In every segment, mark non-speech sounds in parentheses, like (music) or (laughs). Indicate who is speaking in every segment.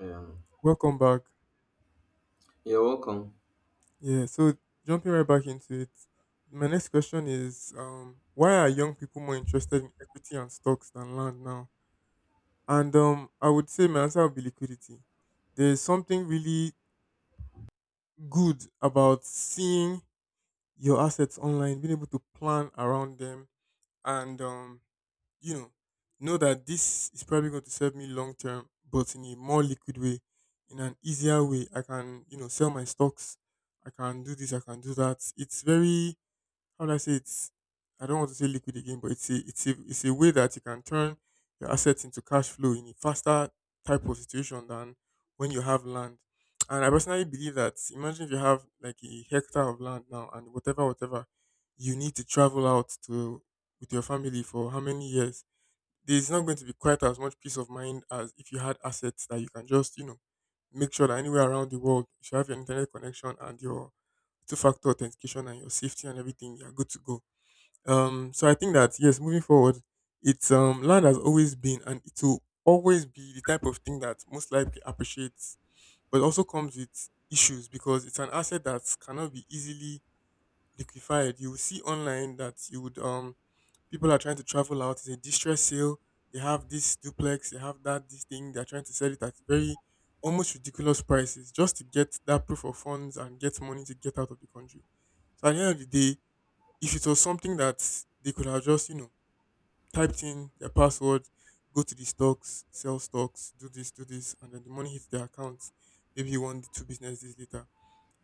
Speaker 1: Um,
Speaker 2: Welcome back.
Speaker 1: you're welcome.
Speaker 2: Yeah, so jumping right back into it, my next question is why are young people more interested in equity and stocks than land now? And I would say my answer would be liquidity. There's something really good about seeing your assets online, being able to plan around them, and you know, know that this is probably going to serve me long term, but in a more liquid way, in an easier way. I can sell my stocks. I can do this. I can do that. It's very, how do I say, it's, I don't want to say liquid again, but it's a way that you can turn your assets into cash flow in a faster type of situation than when you have land. And I personally believe that, imagine if you have like a hectare of land now and whatever, whatever, you need to travel out to with your family for how many years? There's not going to be quite as much peace of mind as if you had assets that you can just make sure that anywhere around the world you should have your internet connection and your two factor authentication and your safety and everything, you're good to go. So I think that, yes, moving forward, it's land has always been and it will always be the type of thing that most likely appreciates, but also comes with issues because it's an asset that cannot be easily liquefied. You will see online that you would people are trying to travel out. It's a distress sale. They have this duplex, they have that this thing. They're trying to sell it at very almost ridiculous prices just to get that proof of funds and get money to get out of the country. So at the end of the day, if it was something that they could have just typed in their password, go to the stocks, sell stocks, do this, and then the money hits their account. Maybe one, two business days later,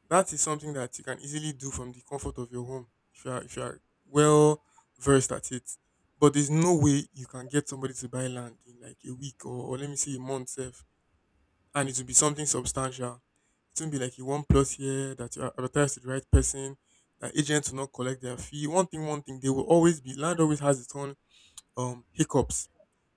Speaker 2: that is something that you can easily do from the comfort of your home if you are well versed at it. But there's no way you can get somebody to buy land in like a week or let me say a month self, and it will be something substantial. It won't be like a one plus year that you are advertised to the right person, that agents will not collect their fee. One thing, they will always be, land always has its own hiccups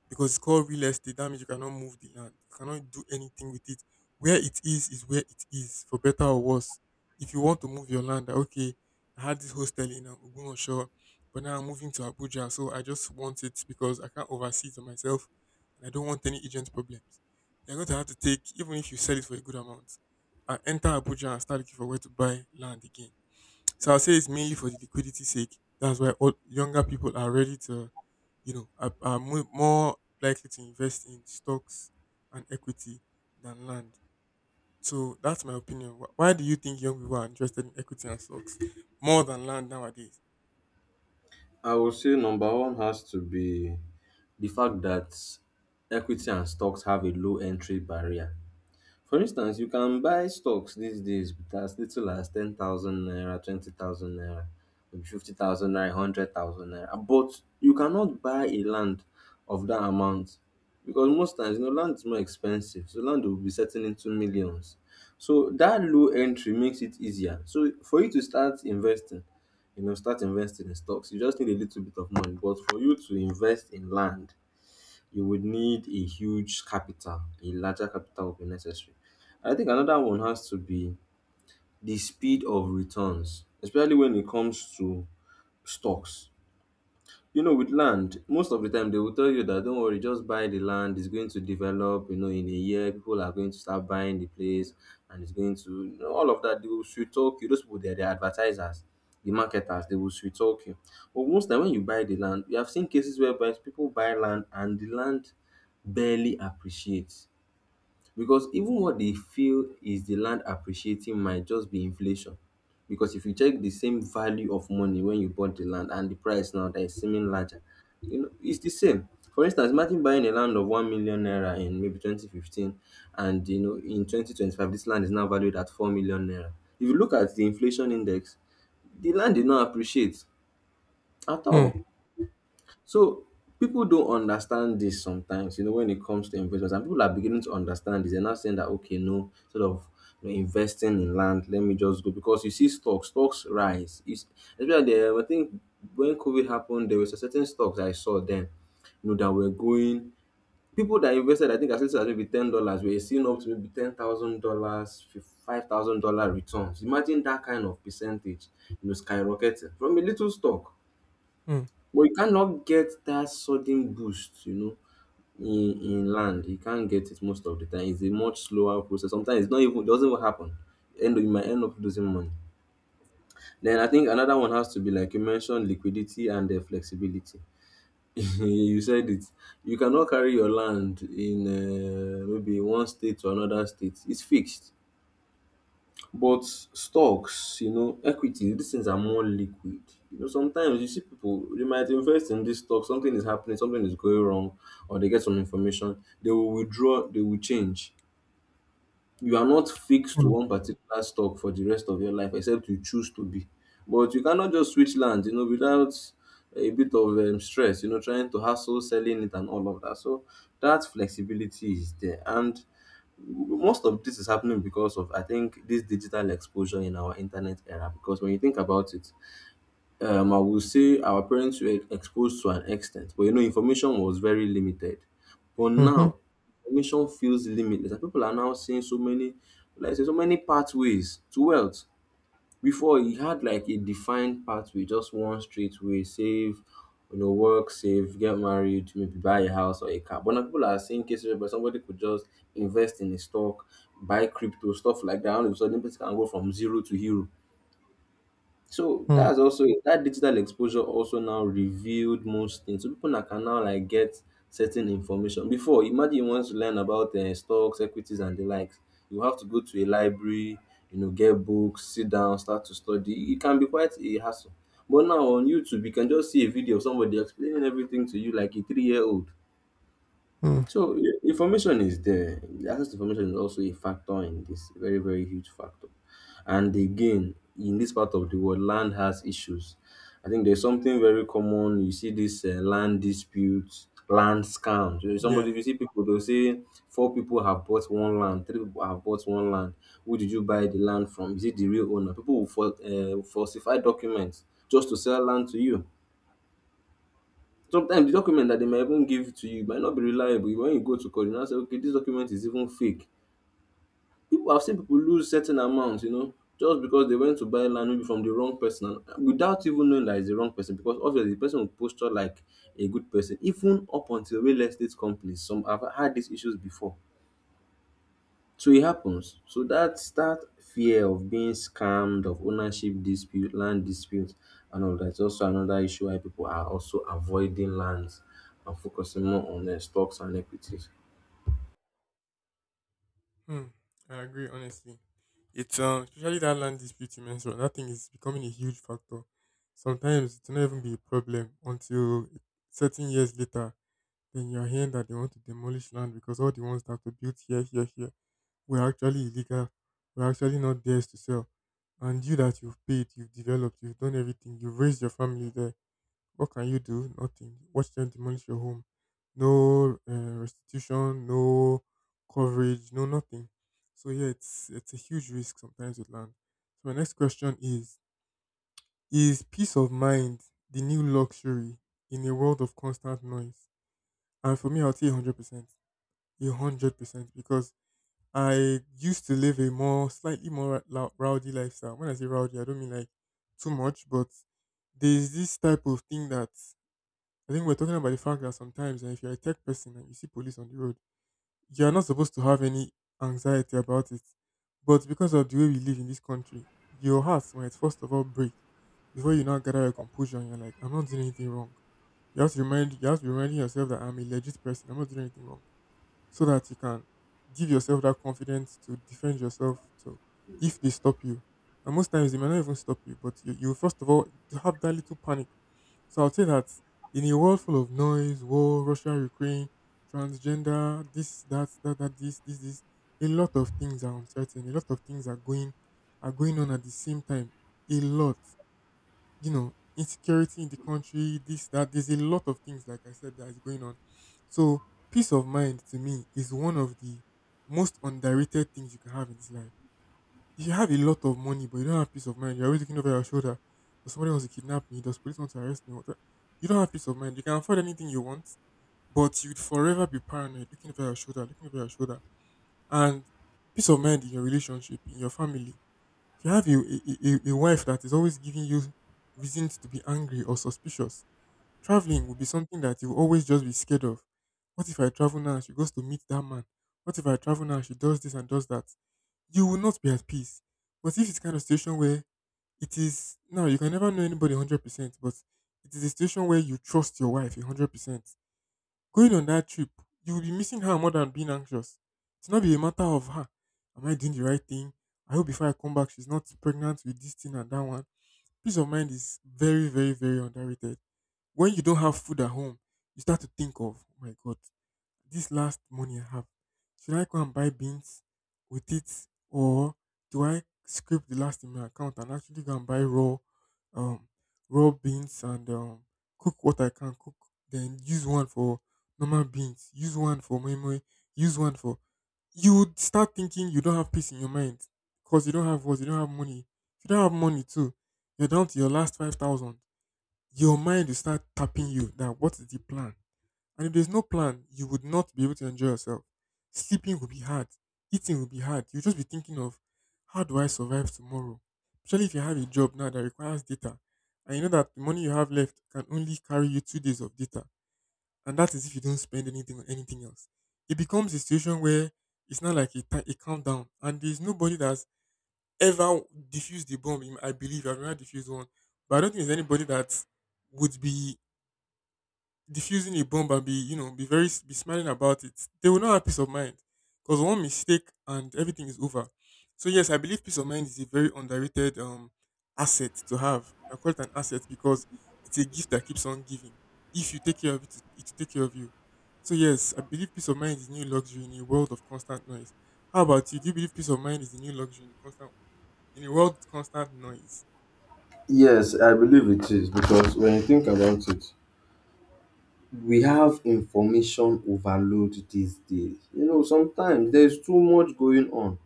Speaker 2: because it's called real estate. That means you cannot move the land. You cannot do anything with it. Where it is where it is, for better or worse. If you want to move your land, that, okay, I had this hostel in Ogun Shore, but now I'm moving to Abuja, so I just want it because I can't oversee it on myself, and I don't want any agent problems. You're going to have to take, even if you sell it for a good amount, and enter Abuja and start looking for where to buy land again. So I'll say it's mainly for the liquidity sake. That's why all younger people are ready to, more likely to invest in stocks and equity than land. So that's my opinion. Why do you think young people are interested in equity and stocks more than land nowadays?
Speaker 1: I would say number one has to be the fact that equity and stocks have a low entry barrier. For instance, you can buy stocks these days with as little as 10,000 naira, 20,000 naira, maybe 50,000 naira, 100,000 naira. But you cannot buy a land of that amount because most times you know land is more expensive. So land will be setting into millions. So that low entry makes it easier. So for you to start investing in stocks, you just need a little bit of money. But for you to invest in land, you would need a huge capital, a larger capital would be necessary. I think another one has to be the speed of returns, especially when it comes to stocks. You know, with land, most of the time they will tell you that don't worry, just buy the land, it's going to develop, you know, in a year, people are going to start buying the place and it's going to all of that. They will sweet talk you. Those people they're the advertisers, the marketers, they will sweet talk you. But most time when you buy the land, we have seen cases whereby people buy land and the land barely appreciates because even what they feel is the land appreciating might just be inflation. Because if you check the same value of money when you bought the land and the price now that is seeming larger, you know, it's the same. For instance, imagine buying a land of 1 million naira in maybe 2015, and you know, in 2025, this land is now valued at 4 million naira. If you look at the inflation index, the land did not appreciate at
Speaker 2: Hmm.
Speaker 1: all. So people don't understand this sometimes, you know, when it comes to investments, and people are beginning to understand this. They're now saying that okay, no, sort of you know, investing in land, let me just go because you see stocks rise. It's especially there, I think when COVID happened, there was a certain stocks I saw then, you know, that were going people that invested, I think as little as maybe $10, were seeing up to maybe $10,000, $5,000 returns. Imagine that kind of percentage, you know, skyrocketing from a little stock
Speaker 2: Hmm.
Speaker 1: but you cannot get that sudden boost, you know, in land. You can't get it most of the time. It's a much slower process. Sometimes it's not even it doesn't even happen. And you might end up losing money. Then I think another one has to be like you mentioned liquidity and flexibility. (laughs) you said it. You cannot carry your land in maybe one state to another state. It's fixed. But stocks, you know, equities, these things are more liquid. You know, sometimes you see people, they might invest in this stock, something is happening, something is going wrong, or they get some information, they will withdraw, they will change. You are not fixed to
Speaker 2: Hmm.
Speaker 1: one particular stock for the rest of your life, except you choose to be. But you cannot just switch land, you know, without a bit of stress, you know, trying to hustle, selling it, and all of that. So that flexibility is there. And most of this is happening because of I think this digital exposure in our internet era. Because when you think about it, I will say our parents were exposed to an extent, but you know information was very limited, but
Speaker 2: Mhm.
Speaker 1: now information feels limitless, and people are now seeing so many, like I say, so many pathways to wealth. Before he had like a defined pathway, just one straight way: save, you know, work, save, get married, maybe buy a house or a car. But now people are seeing cases where somebody could just invest in a stock, buy crypto, stuff like that. All of a sudden, person can go from zero to hero. So
Speaker 2: Hmm.
Speaker 1: that's also that digital exposure also now revealed most things. So people now can now like get certain information. Before, imagine you want to learn about stocks, equities, and the likes. You have to go to a library, you know, get books, sit down, start to study. It can be quite a hassle. But now on YouTube, you can just see a video of somebody explaining everything to you like a 3-year-old.
Speaker 2: Mm.
Speaker 1: So information is there. The access to information is also a factor in this, very, very huge factor. And again, in this part of the world, land has issues. I think there's something very common. You see this land disputes, land scams. You know,
Speaker 2: Yeah.
Speaker 1: somebody, if you see people, they'll say four people have bought one land, three people have bought one land. Who did you buy the land from? Is it the real owner? People will falsify documents just to sell land to you. Sometimes the document that they might even give to you might not be reliable. When you go to court, you now say, okay, this document is even fake. People I've seen people lose certain amounts, you know, just because they went to buy land maybe from the wrong person and without even knowing that it's the wrong person, because obviously the person will posture like a good person. Even up until real estate companies, some have had these issues before. So it happens. So that fear of being scammed, of ownership dispute, land dispute, and all that's also another issue why people are also avoiding lands and focusing more on stocks and equities.
Speaker 2: Hmm. I agree. Honestly, it's especially that land dispute you mentioned. That thing is becoming a huge factor. Sometimes it will not even be a problem until certain years later, then you're hearing that they want to demolish land because all the ones that were built here, here, here were actually illegal, were actually not theirs to sell. And you that you've paid, you've developed, you've done everything, you've raised your family there. What can you do? Nothing. Watch them demolish your home. No restitution, no coverage, no nothing. So yeah, it's a huge risk sometimes with land. So my next question is: is peace of mind the new luxury in a world of constant noise? And for me, I'll say 100%. A hundred percent, because I used to live a more, slightly more rowdy lifestyle. When I say rowdy, I don't mean like too much, but there's this type of thing that I think we're talking about, the fact that sometimes, if you're a tech person and you see police on the road, you're not supposed to have any anxiety about it. But because of the way we live in this country, your heart might first of all break before you now gather your composure and you're like, I'm not doing anything wrong. You have to remind, you have to be reminding yourself that I'm a legit person, I'm not doing anything wrong so that you can give yourself that confidence to defend yourself, to, if they stop you. And most times they might not even stop you, but you first of all to have that little panic. So I'll say that in a world full of noise, war, Russia, Ukraine, transgender, this, that, that, that, this, a lot of things are uncertain. A lot of things are going on at the same time. A lot, insecurity in the country, this, that. There's a lot of things, like I said, that is going on. So, peace of mind to me is one of the most underrated things you can have in this life. If you have a lot of money, but you don't have peace of mind, you're always looking over your shoulder. Does somebody wants to kidnap me? Does police want to arrest me? What the- You don't have peace of mind. You can afford anything you want, but you'd forever be paranoid, looking over your shoulder, looking over your shoulder. And peace of mind in your relationship, in your family, if you have a wife that is always giving you reasons to be angry or suspicious, traveling will be something that you will always just be scared of. What if I travel now and she goes to meet that man? What if I travel now and she does this and does that? You will not be at peace. But if it's kind of situation where it is now, you can never know anybody 100%, but it is a situation where you trust your wife 100%. Going on that trip, you will be missing her more than being anxious. It's not be a matter of, her, am I doing the right thing? I hope before I come back, she's not pregnant with this thing and that one. Peace of mind is very, very, very underrated. When you don't have food at home, you start to think of, oh my God, this last money I have, should I go and buy beans with it, or do I scrape the last in my account and actually go and buy raw, um, raw beans and cook what I can cook, then use one for normal beans, use one for moi moi, use one for. You would start thinking, you don't have peace in your mind because you don't have, what, you don't have money. If you don't have money too, you're down to your last 5,000. Your mind will start tapping you that, what is the plan? And if there's no plan, you would not be able to enjoy yourself. Sleeping will be hard. Eating will be hard. You'll just be thinking of, how do I survive tomorrow? Especially if you have a job now that requires data. And you know that the money you have left can only carry you 2 days of data. And that is if you don't spend anything on anything else. It becomes a situation where it's not like a countdown. And there's nobody that's ever diffused the bomb. I believe I've never diffused one. But I don't think there's anybody that would be diffusing a bomb and be you know be very be smiling about it. They will not have peace of mind, because one mistake and everything is over. So yes, I believe peace of mind is a very underrated asset to have. I call it an asset because it's a gift that keeps on giving. If you take care of it, it will take care of you. So yes, I believe peace of mind is a new luxury in a world of constant noise. How about you? Do you believe peace of mind is a new luxury in a world of constant noise?
Speaker 1: Yes, I believe it is because when you think about it, we have information overload these days. You know, sometimes there's too much going on.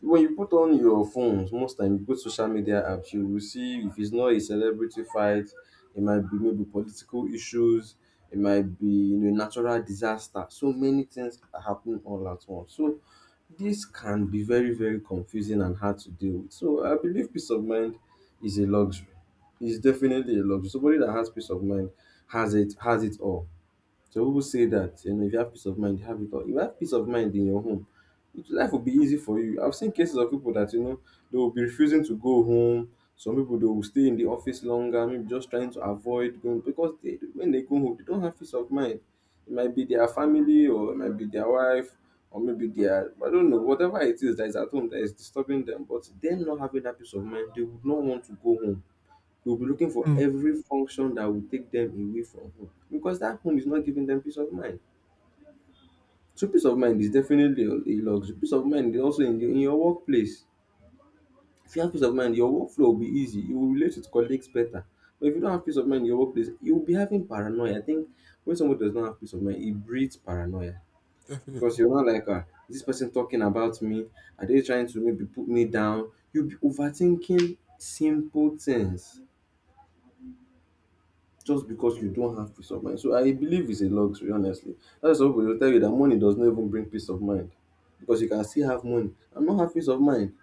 Speaker 1: When you put on your phones most time, you go to social media apps, you will see if it's not a celebrity fight, it might be maybe political issues, it might be you know, natural disaster. So many things are happening all at once. So this can be very, very confusing and hard to deal with. So I believe peace of mind is a luxury. It's definitely a luxury. Somebody that has peace of mind has it all. Some people say that you know if you have peace of mind, you have it all. If you have peace of mind in your home, life will be easy for you. I've seen cases of people that you know they will be refusing to go home. Some people they will stay in the office longer, maybe just trying to avoid going because they when they go home, they don't have peace of mind. It might be their family or it might be their wife or maybe their I don't know, whatever it is that is at home that is disturbing them. But them not having that peace of mind, they would not want to go home. You'll be looking for
Speaker 2: Hmm.
Speaker 1: every function that will take them away from home because that home is not giving them peace of mind. So peace of mind is definitely a luxury. Peace of mind is also in your workplace. If you have peace of mind, your workflow will be easy. You will relate with colleagues better. But if you don't have peace of mind in your workplace, you will be having paranoia. I think when someone does not have peace of mind, it breeds paranoia because
Speaker 2: Definitely.
Speaker 1: you're not like, ah, is this person talking about me? Are they trying to maybe put me down? You'll be overthinking simple things just because you don't have peace of mind. So I believe it's a luxury, honestly. That's why some people will tell you that money does not even bring peace of mind because you can still have money and not have peace of mind.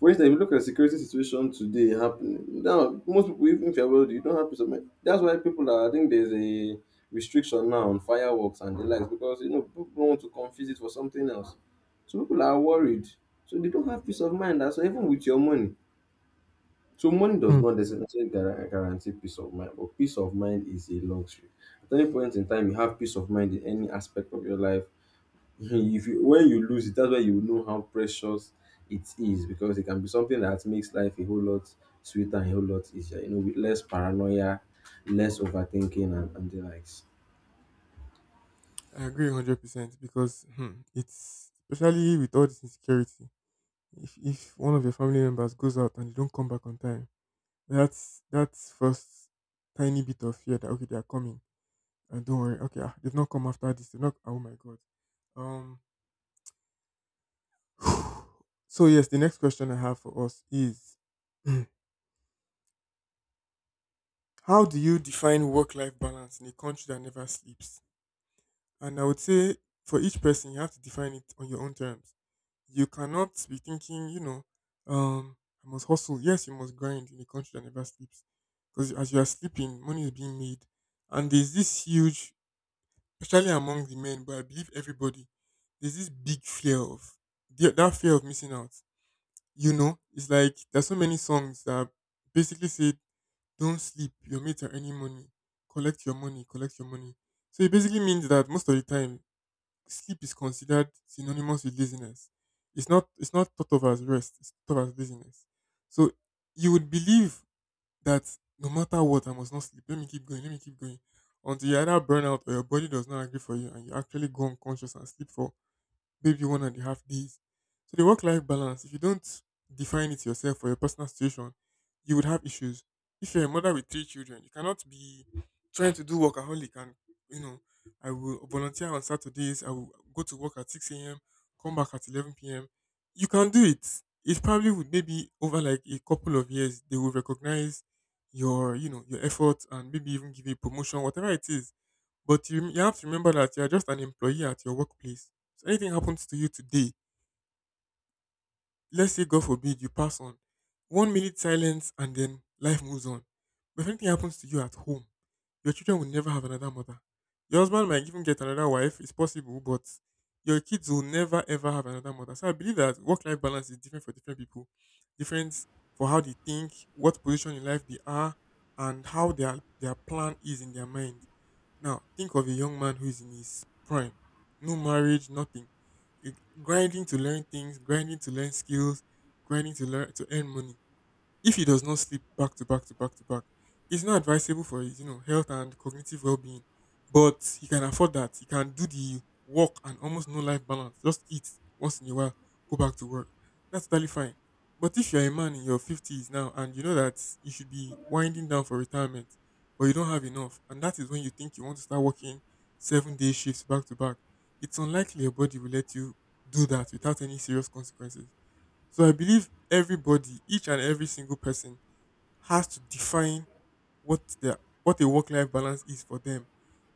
Speaker 1: For instance, if you look at the security situation today happening, now most people, even if you're wealthy, you don't have peace of mind. That's why people are, I think there's a restriction now on fireworks and the likes because, you know, people want to confuse it for something else. So people are worried. So they don't have peace of mind. So even with your money, so money does not necessarily guarantee peace of mind, but peace of mind is a luxury. At any point in time, you have peace of mind in any aspect of your life. (laughs) if you, when you lose it, that's why you know how precious it is because it can be something that makes life a whole lot sweeter and a whole lot easier. You know, with less paranoia, less overthinking, and the likes.
Speaker 2: I agree 100%, because it's especially with all this insecurity. If one of your family members goes out and they don't come back on time, that's first tiny bit of fear that okay, they are coming and don't worry. Okay. They've not come. After this, they've not. Oh my god. um (sighs) so yes, the next question I have for us is (clears throat) how do you define work life balance in a country that never sleeps? And I would say, for each person, you have to define it on your own terms. You cannot be thinking, you know, um, I must hustle. Yes, you must grind in a country that never sleeps. Because as you are sleeping, money is being made. And there's this huge, especially among the men, but I believe everybody, there's this big fear of that fear of missing out. You know, it's like there's so many songs that basically say, "Don't sleep. Your mates are earning money. Collect your money. Collect your money." So it basically means that most of the time, sleep is considered synonymous with laziness. It's not thought of as rest, it's thought of as laziness. So you would believe that no matter what, I must not sleep. Let me keep going, let me keep going. Until you either burn out or your body does not agree for you and you actually go unconscious and sleep for maybe 1.5 days. So the work life balance, if you don't define it yourself for your personal situation, you would have issues. If you're a mother with three children, you cannot be trying to do workaholic and, you know, I will volunteer on Saturdays, I will go to work at 6 a.m., come back at 11 PM. You can do it. It probably would, maybe over like a couple of years, they will recognize your effort and maybe even give you a promotion, whatever it is. But you have to remember that you're just an employee at your workplace. So anything happens to you today, let's say God forbid you pass on, one minute silence and then life moves on. But if anything happens to you at home, your children will never have another mother. Your husband might even get another wife, it's possible, but your kids will never ever have another mother. So I believe that work life balance is different for different people, different for how they think, what position in life they are, and how their plan is in their mind. Now, think of a young man who is in his prime. No marriage, nothing. You- Grinding to learn things, grinding to learn skills, grinding to learn to earn money. If he does not sleep back to back to back to back, it's not advisable for his, you know, health and cognitive well being. But he can afford that. He can do the work and almost no life balance. Just eat once in a while, go back to work. That's totally fine. But if you're a man in your fifties now and you know that you should be winding down for retirement, but you don't have enough, and that is when you think you want to start working 7-day shifts back to back, it's unlikely your body will let you do that without any serious consequences. So I believe everybody, each and every single person, has to define what a work life balance is for them.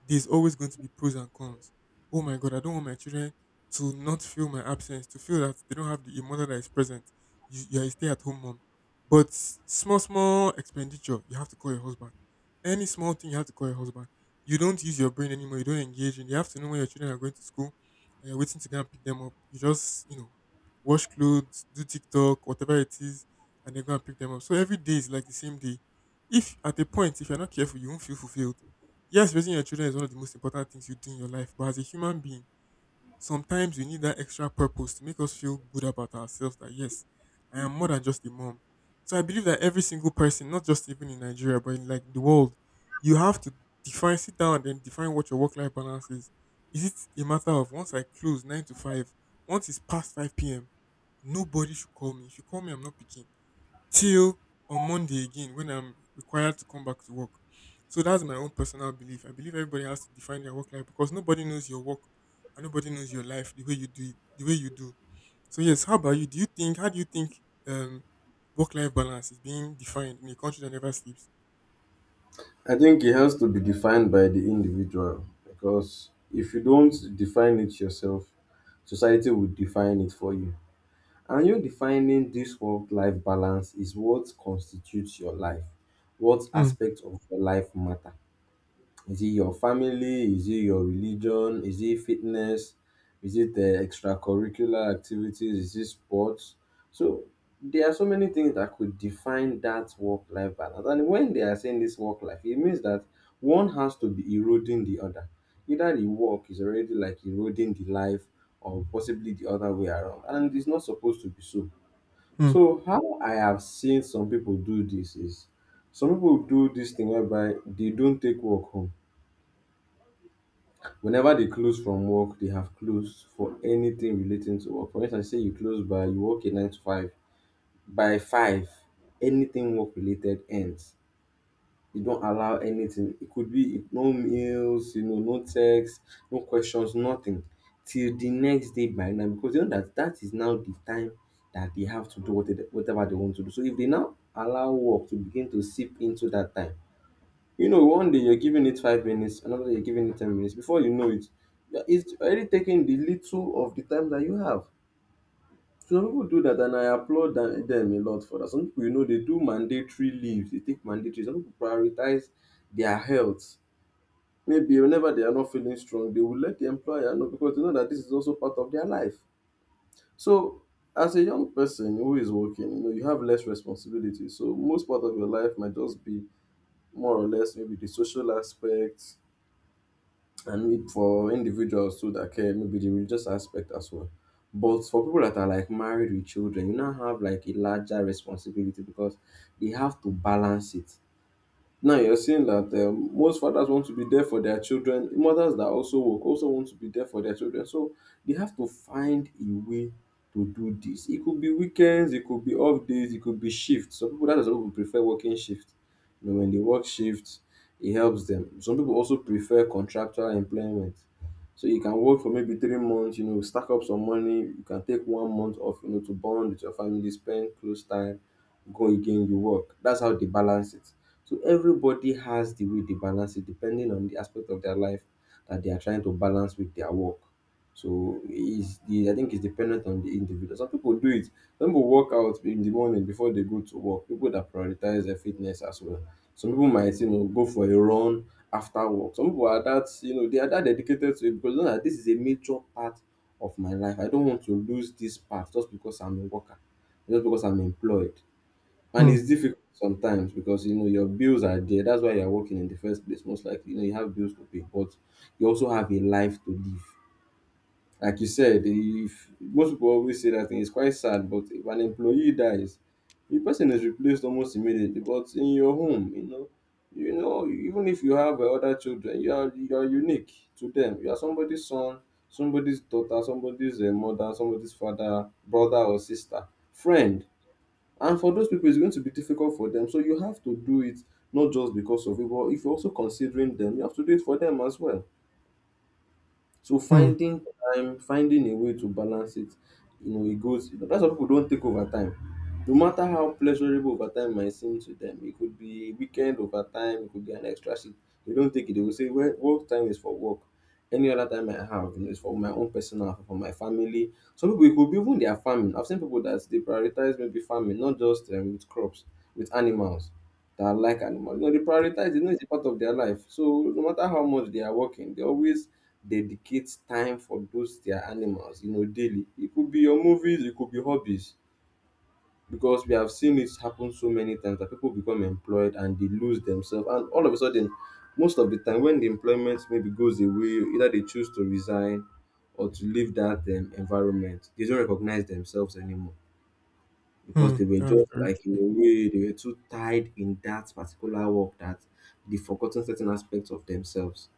Speaker 2: There's always going to be pros and cons. Oh my god, I don't want my children to not feel my absence, to feel that they don't have the a mother that is present. You are a stay at home mom. But small, small expenditure, you have to call your husband. Any small thing, you have to call your husband. You don't use your brain anymore. You don't engage. And you have to know when your children are going to school and you're waiting to go and pick them up. You just, you know, wash clothes, do TikTok, whatever it is, and then go and pick them up. So every day is like the same day. If at a point, if you're not careful, you won't feel fulfilled. Yes, raising your children is one of the most important things you do in your life, but as a human being, sometimes we need that extra purpose to make us feel good about ourselves, that yes, I am more than just a mom. So I believe that every single person, not just even in Nigeria, but in like the world, you have to define, sit down and then define what your work life balance is. Is it a matter of once I close nine to five, once it's past 5 p.m., nobody should call me? If you call me, I'm not picking till on Monday again when I'm required to come back to work. So that's my own personal belief. I believe everybody has to define their work life because nobody knows your work and nobody knows your life the way you do it, the way you do. So yes, how about you? Do you think How do you think um work life balance is being defined in a country that never sleeps?
Speaker 1: I think it has to be defined by the individual because if you don't define it yourself, society will define it for you. And you defining this work life balance is what constitutes your life. What
Speaker 2: Hmm.
Speaker 1: aspect of your life matter? Is it your family? Is it your religion? Is it fitness? Is it the extracurricular activities? Is it sports? So there are so many things that could define that work life balance. And when they are saying this work life, it means that one has to be eroding the other. Either the work is already like eroding the life or possibly the other way around. And it's not supposed to be so
Speaker 2: Hmm.
Speaker 1: so How I have seen some people do this is some people do this thing whereby they don't take work home. Whenever they close from work, they have closed for anything relating to work. For instance, say you close by you work a 9 to 5. By five, anything work related ends. You don't allow anything. It could be no meals, you know, no text, no questions, nothing till the next day by now because you know that that is now the time that they have to do what they- whatever they want to do. So if they now allow work to begin to seep into that time, you know, one day you're giving it 5 minutes, another day you're giving it 10 minutes. Before you know it, it's already taking the little of the time that you have. Some people do that, and I applaud them dem a lot for that. Some people, you know, they do mandatory leaves. They take mandatory. Some people prioritize their health. Maybe whenever they are not feeling strong, they will let the employer know because they know that this is also part of their life. So as a young person who is working, you know, you have less responsibility, so most part of your life might just be more or less maybe the social aspect, and maybe for individuals too that care, maybe the religious aspect as well. But for people that are like married with children, you now have like a larger responsibility because they have to balance it. Now you're saying that most fathers want to be there for their children, mothers that also work also want to be there for their children. So they have to find a way to do this. It could be weekends, it could be off days, it could be shifts. Some people, that is why people prefer working shifts. You know, when they work shifts, it helps them. Some people also prefer contractual employment. So you can work for maybe 3 months, you know, stack up some money, you can take 1 month off, you know, to bond with your family, spend close time, go again, you work. That's how they balance it. So everybody has the way they balance it depending on the aspect of their life that they are trying to balance with their work. So is the I think it's dependent on the individual. Some people do it. Some people work out in the morning before they go to work. People that prioritize their fitness as well. Some people might, you know, go for a run after work. Some people are that, you know, they are that dedicated to it because they know that this is a major part of my life. I don't want to lose this part just because I'm a worker, just because I'm employed. And
Speaker 2: Hmm.
Speaker 1: it's difficult sometimes because, you know, your bills are there. That's why you're working in the first place, most likely. You know, you have bills to pay, but you also have a life to live. Like you said, if most people always say that thing, it's quite sad, but if an employee dies, the person is replaced almost immediately. But in your home, you know, even if you have other children, you are unique to them. You are somebody's son, somebody's daughter, somebody's mother, somebody's father, brother or sister, friend, and for those people, it's going to be difficult for them. So you have to do it not just because of it, but if you're also considering them, you have to do it for them as well. So
Speaker 2: Hmm.
Speaker 1: finding time, finding a way to balance it, you know, it goes. That's why people don't take overtime. No matter how pleasurable overtime might seem to them, it could be a weekend overtime, it could be an extra shift. They don't take it. They will say, "Well, work time is for work. Any other time I have, you know, is for my own personal, for my family." Some people, it could be even their farming. I've seen people that they prioritize maybe farming, not just with crops, with animals. That like animals, you know, they prioritize. You know, it's a part of their life. So no matter how much they are working, they always dedicate time for those their animals, you know, daily. It could be your movies, it could be hobbies because we have seen it happen so many times that people become employed and they lose themselves. And all of a sudden, most of the time, when the employment maybe goes away, either they choose to resign or to leave that environment, they don't recognize themselves anymore because
Speaker 2: Hmm.
Speaker 1: they were
Speaker 2: That was
Speaker 1: just
Speaker 2: very
Speaker 1: like, in a way, they were too tied in that particular work that they forgotten certain aspects of themselves.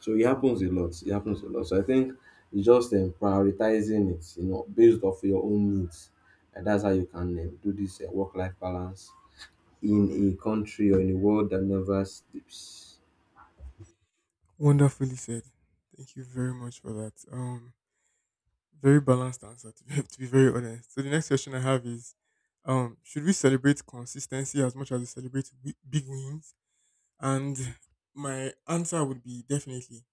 Speaker 1: So it happens a lot. It happens a lot. So I think it's just prioritizing it, you know, based off your own needs. And that's how you can do this work-life balance in a country or in a world that never sleeps.
Speaker 2: wonderfully said. Thank you very much for that. Very balanced answer, to be, (laughs) to be very honest. So the next question I have is, should we celebrate consistency as much as we celebrate big wins? And my answer would be definitely,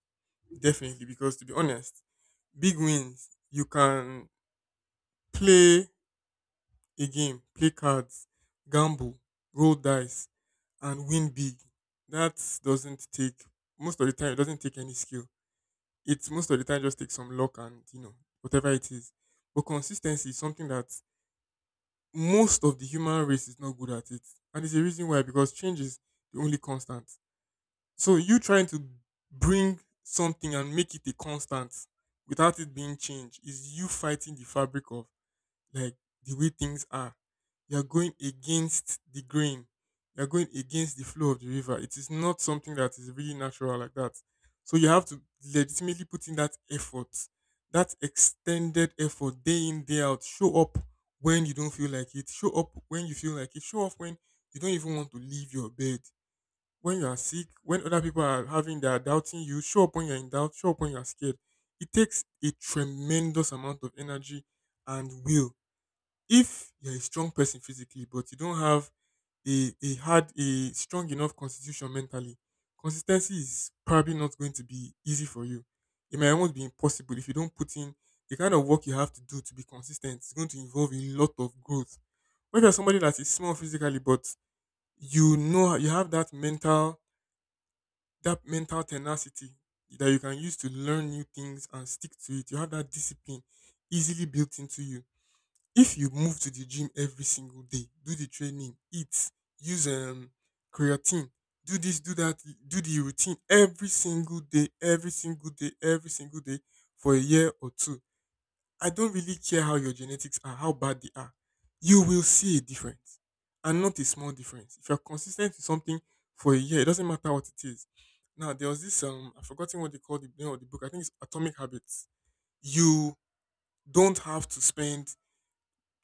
Speaker 2: definitely, because to be honest, big wins, you can play a game, play cards, gamble, roll dice, and win big. That doesn't take, most of the time, it doesn't take any skill. It's most of the time just takes some luck and, you know, whatever it is. But consistency is something that most of the human race is not good at it. And it's a reason why, because change is the only constant. So you trying to bring something and make it a constant without it being changed is you fighting the fabric of, like, the way things are. You're going against the grain. You're going against the flow of the river. It is not something that is really natural like that. So you have to legitimately put in that effort, that extended effort, day in, day out. Show up when you don't feel like it. Show up when you feel like it. Show up when you don't even want to leave your bed. When you are sick, when other people are having their doubting you, show up when you're in doubt, show up when you're scared. It takes a tremendous amount of energy and will. If you're a strong person physically but you don't have a strong enough constitution mentally, consistency is probably not going to be easy for you. It might almost be impossible. If you don't put in the kind of work you have to do to be consistent, it's going to involve a lot of growth. But if you're somebody that is small physically but, you know, you have that mental, that mental tenacity that you can use to learn new things and stick to it, you have that discipline easily built into you. If you move to the gym every single day, do the training, eat, use creatine, do this, do that, do the routine every single day, every single day, every single day for a year or two. I don't really care how your genetics are, how bad they are. You will see a difference, and not a small difference. If you're consistent with something for a year, it doesn't matter what it is. Now, there was this, I've forgotten what they call the name of the book. I think it's Atomic Habits. You don't have to spend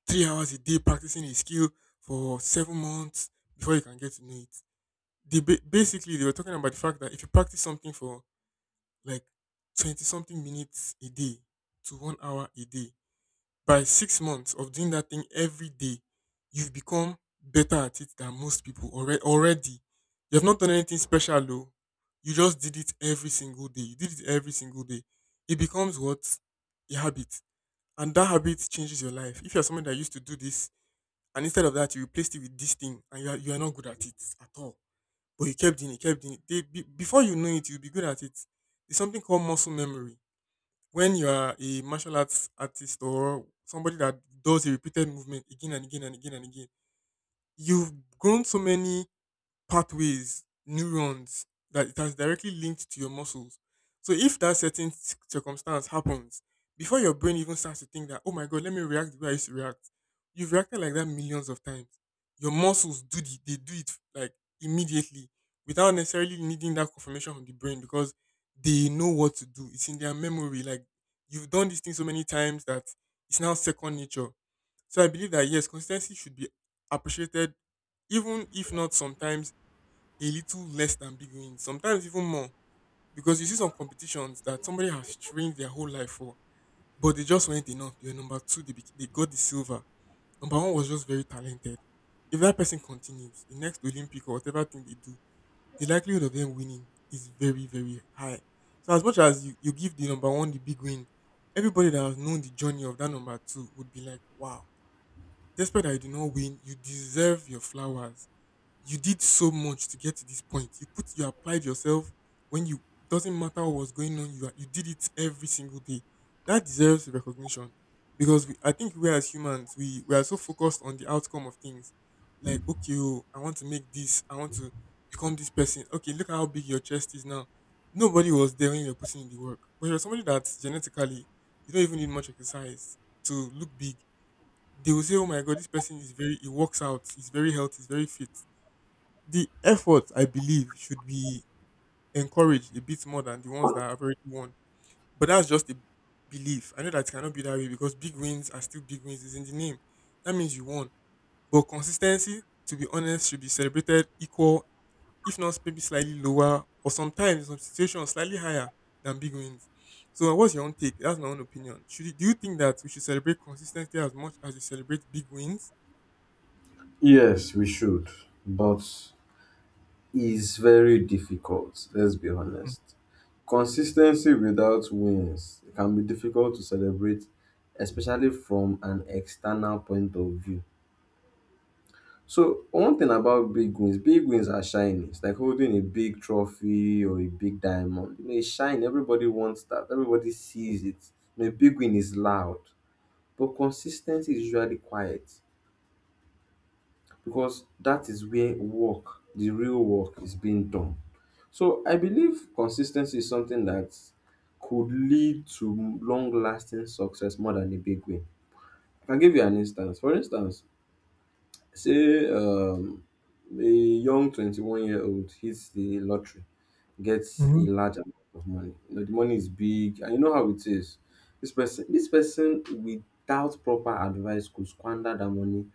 Speaker 2: 3 hours a day practicing a skill for 7 months before you can get to know it. Basically, they were talking about the fact that if you practice something for like 20 something minutes a day to 1 hour a day, by 6 months of doing that thing every day, you've become better at it than most people already. Already, you have not done anything special though. You just did it every single day. You did it every single day. It becomes what? A habit. And that habit changes your life. If you're someone that used to do this and instead of that, you replaced it with this thing, and you are not good at it at all. But you kept doing it, kept doing it. Before you know it, you'll be good at it. There's something called muscle memory. When you are a martial arts artist or somebody that does a repeated movement again and again and again and again, you've grown so many pathways, neurons that it has directly linked to your muscles. So if that certain circumstance happens, before your brain even starts to think that, oh my god, let me react the way I used to react, you've reacted like that millions of times. Your muscles do they do it like immediately without necessarily needing that confirmation from the brain because they know what to do. It's in their memory. Like you've done this thing so many times that it's now second nature. So I believe that yes, consistency should be appreciated, even if not sometimes a little less than big wins, sometimes even more. Because you see some competitions that somebody has trained their whole life for, but they just weren't enough. They were number two, they got the silver. Number one was just very talented. If that person continues, the next Olympic or whatever thing they do, the likelihood of them winning is very, very high. So as much as you give the number one the big win, everybody that has known the journey of that number two would be like, wow, despite that you did not win, you deserve your flowers. You did so much to get to this point. You put you applied yourself when you doesn't matter what was going on, you did it every single day. That deserves recognition because I think we as humans we are so focused on the outcome of things. Like okay, oh, I want to make this. I want to become this person. Okay, look at how big your chest is now. Nobody was there when you were putting in the work, but you're somebody that genetically you don't even need much exercise to look big. They will say, "Oh my God, this person is very. He works out. He's very healthy. He's very fit." The efforts I believe should be encouraged a bit more than the ones that have already won. But that's just a belief. I know that it cannot be that way because big wins are still big wins. It's in the name. That means you won. But consistency, to be honest, should be celebrated equal, if not maybe slightly lower, or sometimes in some situations slightly higher than big wins. So what's your own take? That's my own opinion. Should you, do you think that we should celebrate consistency as much as we celebrate big wins?
Speaker 1: Yes, we should, but it's very difficult. Let's be
Speaker 2: Mm-hmm.
Speaker 1: honest. Consistency without wins can be difficult to celebrate, especially from an external point of view. So one thing about big wins: big wins are shiny. It's like holding a big trophy or a big diamond. You know, it's shiny. Everybody wants that. Everybody sees it. You know, a big win is loud, but consistency is usually quiet because that is where work, the real work, is being done. So I believe consistency is something that could lead to long lasting success more than a big win. I can give you an instance. For instance, say a young 21-year-old hits the lottery, gets a
Speaker 2: mm
Speaker 1: large amount of money. You know, the money is big, and you know how it is. This person without proper advice could squander that money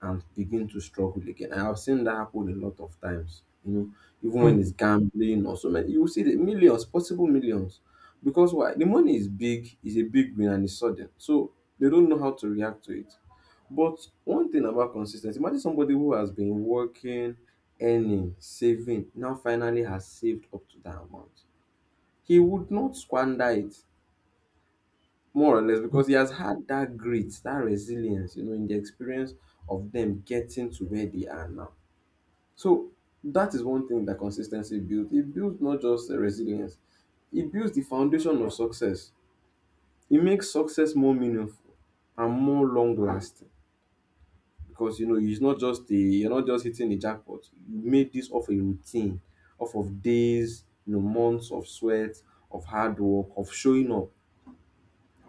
Speaker 1: and begin to struggle again. I have seen that happen a lot of times. You know, even when it's gambling or so many, you will see the millions, possible millions, because why? The money is big, is a big win, and it's sudden. So they don't know how to react to it. But one thing about consistency: imagine somebody who has been working, earning, saving, now finally has saved up to that amount. He would not squander it, more or less,
Speaker 2: mm.
Speaker 1: because he has had that grit, that resilience, you know, in the experience of them getting to where they are now. So that is one thing that consistency builds. It builds not just resilience, it builds the foundation of success. It makes success more meaningful and more long lasting, because you know it's not just a you're not just hitting the jackpot. You made this off a routine, off of days, you know, months of sweat, of hard work, of showing up,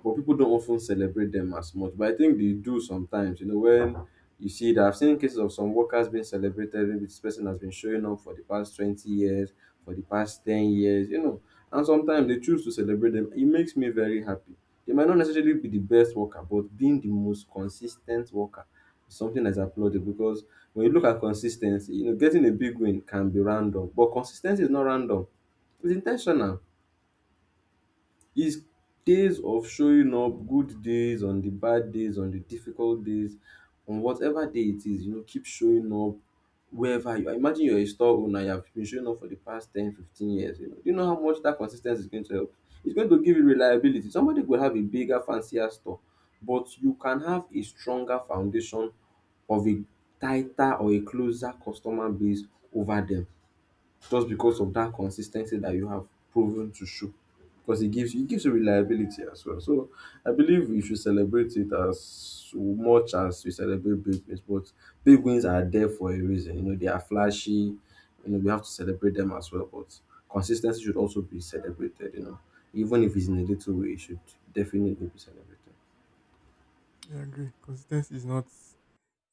Speaker 1: but people don't often celebrate them as much. But I think they do sometimes, you know, when you see that I've seen cases of some workers being celebrated, maybe this person has been showing up for the past 20 years, for the past 10 years, you know, and sometimes they choose to celebrate them. It makes me very happy. They might not necessarily be the best worker, but being the most consistent worker is something that's applauded because when you look at consistency, you know, getting a big win can be random, but consistency is not random, it's intentional. His days of showing up, good days, on the bad days, on the difficult days, on whatever day it is, you know, keep showing up wherever you are. Imagine you're a store owner, you have been showing up for the past 10, 15 years. You know, do you know how much that consistency is going to help? It's going to give you reliability. Somebody could have a bigger, fancier store, but you can have a stronger foundation of a tighter or a closer customer base over them just because of that consistency that you have proven to show. Because it gives you reliability as well. So I believe we should celebrate it as much as we celebrate big wins. But big wins are there for a reason. You know, they are flashy, you know, we have to celebrate them as well. But consistency should also be celebrated, you know. Even if it's in a little way, it should definitely be celebrated.
Speaker 2: I agree. Consistency is not.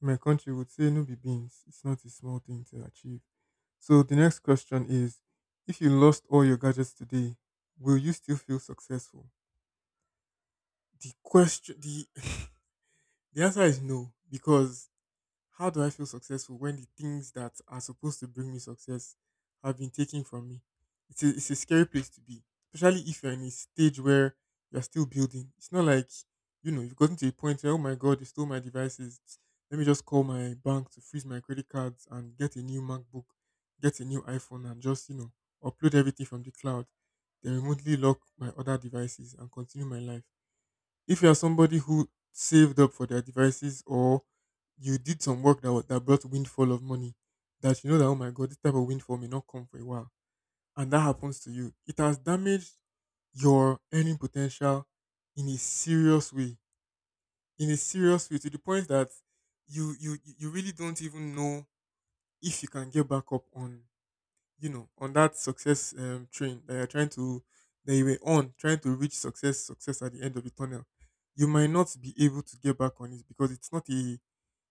Speaker 2: In my country would say no be beans. It's not a small thing to achieve. So the next question is, if you lost all your gadgets today, will you still feel successful? The question the (laughs) The answer is no, because how do I feel successful when the things that are supposed to bring me success have been taken from me? It's a scary place to be, especially if you're in a stage where you're still building. It's not like, you know, you've gotten to a point where, oh my God, they stole my devices. Let me just call my bank to freeze my credit cards and get a new MacBook, get a new iPhone, and just, you know, upload everything from the cloud, then remotely lock my other devices and continue my life if you are somebody who saved up for their devices or you did some work that that brought windfall of money, that you know that oh my god, this type of windfall may not come for a while, and that happens to you, it has damaged your earning potential in a serious way. In a serious way, to the point that you really don't even know if you can get back up on you know, on that success train that you're trying to, that you were on, trying to reach success, success at the end of the tunnel, you might not be able to get back on it because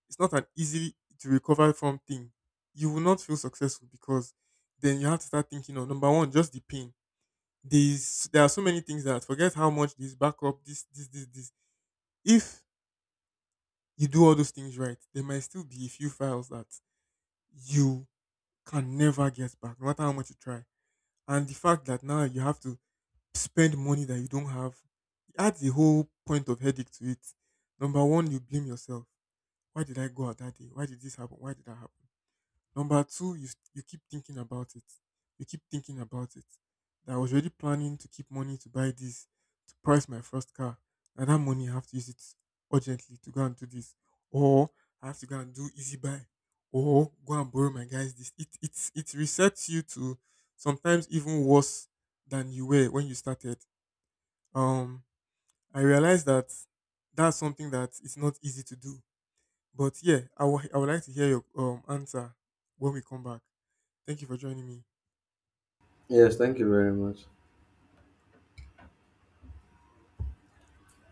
Speaker 2: it's not an easy to recover from thing. You will not feel successful because then you have to start thinking of number one, just the pain. There are so many things that forget how much this backup, this. If you do all those things right, there might still be a few files that you can never get back, no matter how much you try. And the fact that now you have to spend money that you don't have. It adds a whole point of headache to it. Number one, you blame yourself. Why did I go out that day? Why did this happen? Why did that happen? Number two, you keep thinking about it. You keep thinking about it. That I was already planning to keep money to buy this, to price my first car. Now that money, I have to use it urgently to go and do this. Or I have to go and do easy buy. Or go and borrow my guys this. It resets you to sometimes even worse than you were when you started um, I realize that that's something that is not easy to do. But yeah, I would like to hear your answer when we come back. Thank you for joining me.
Speaker 1: Yes, thank you very much.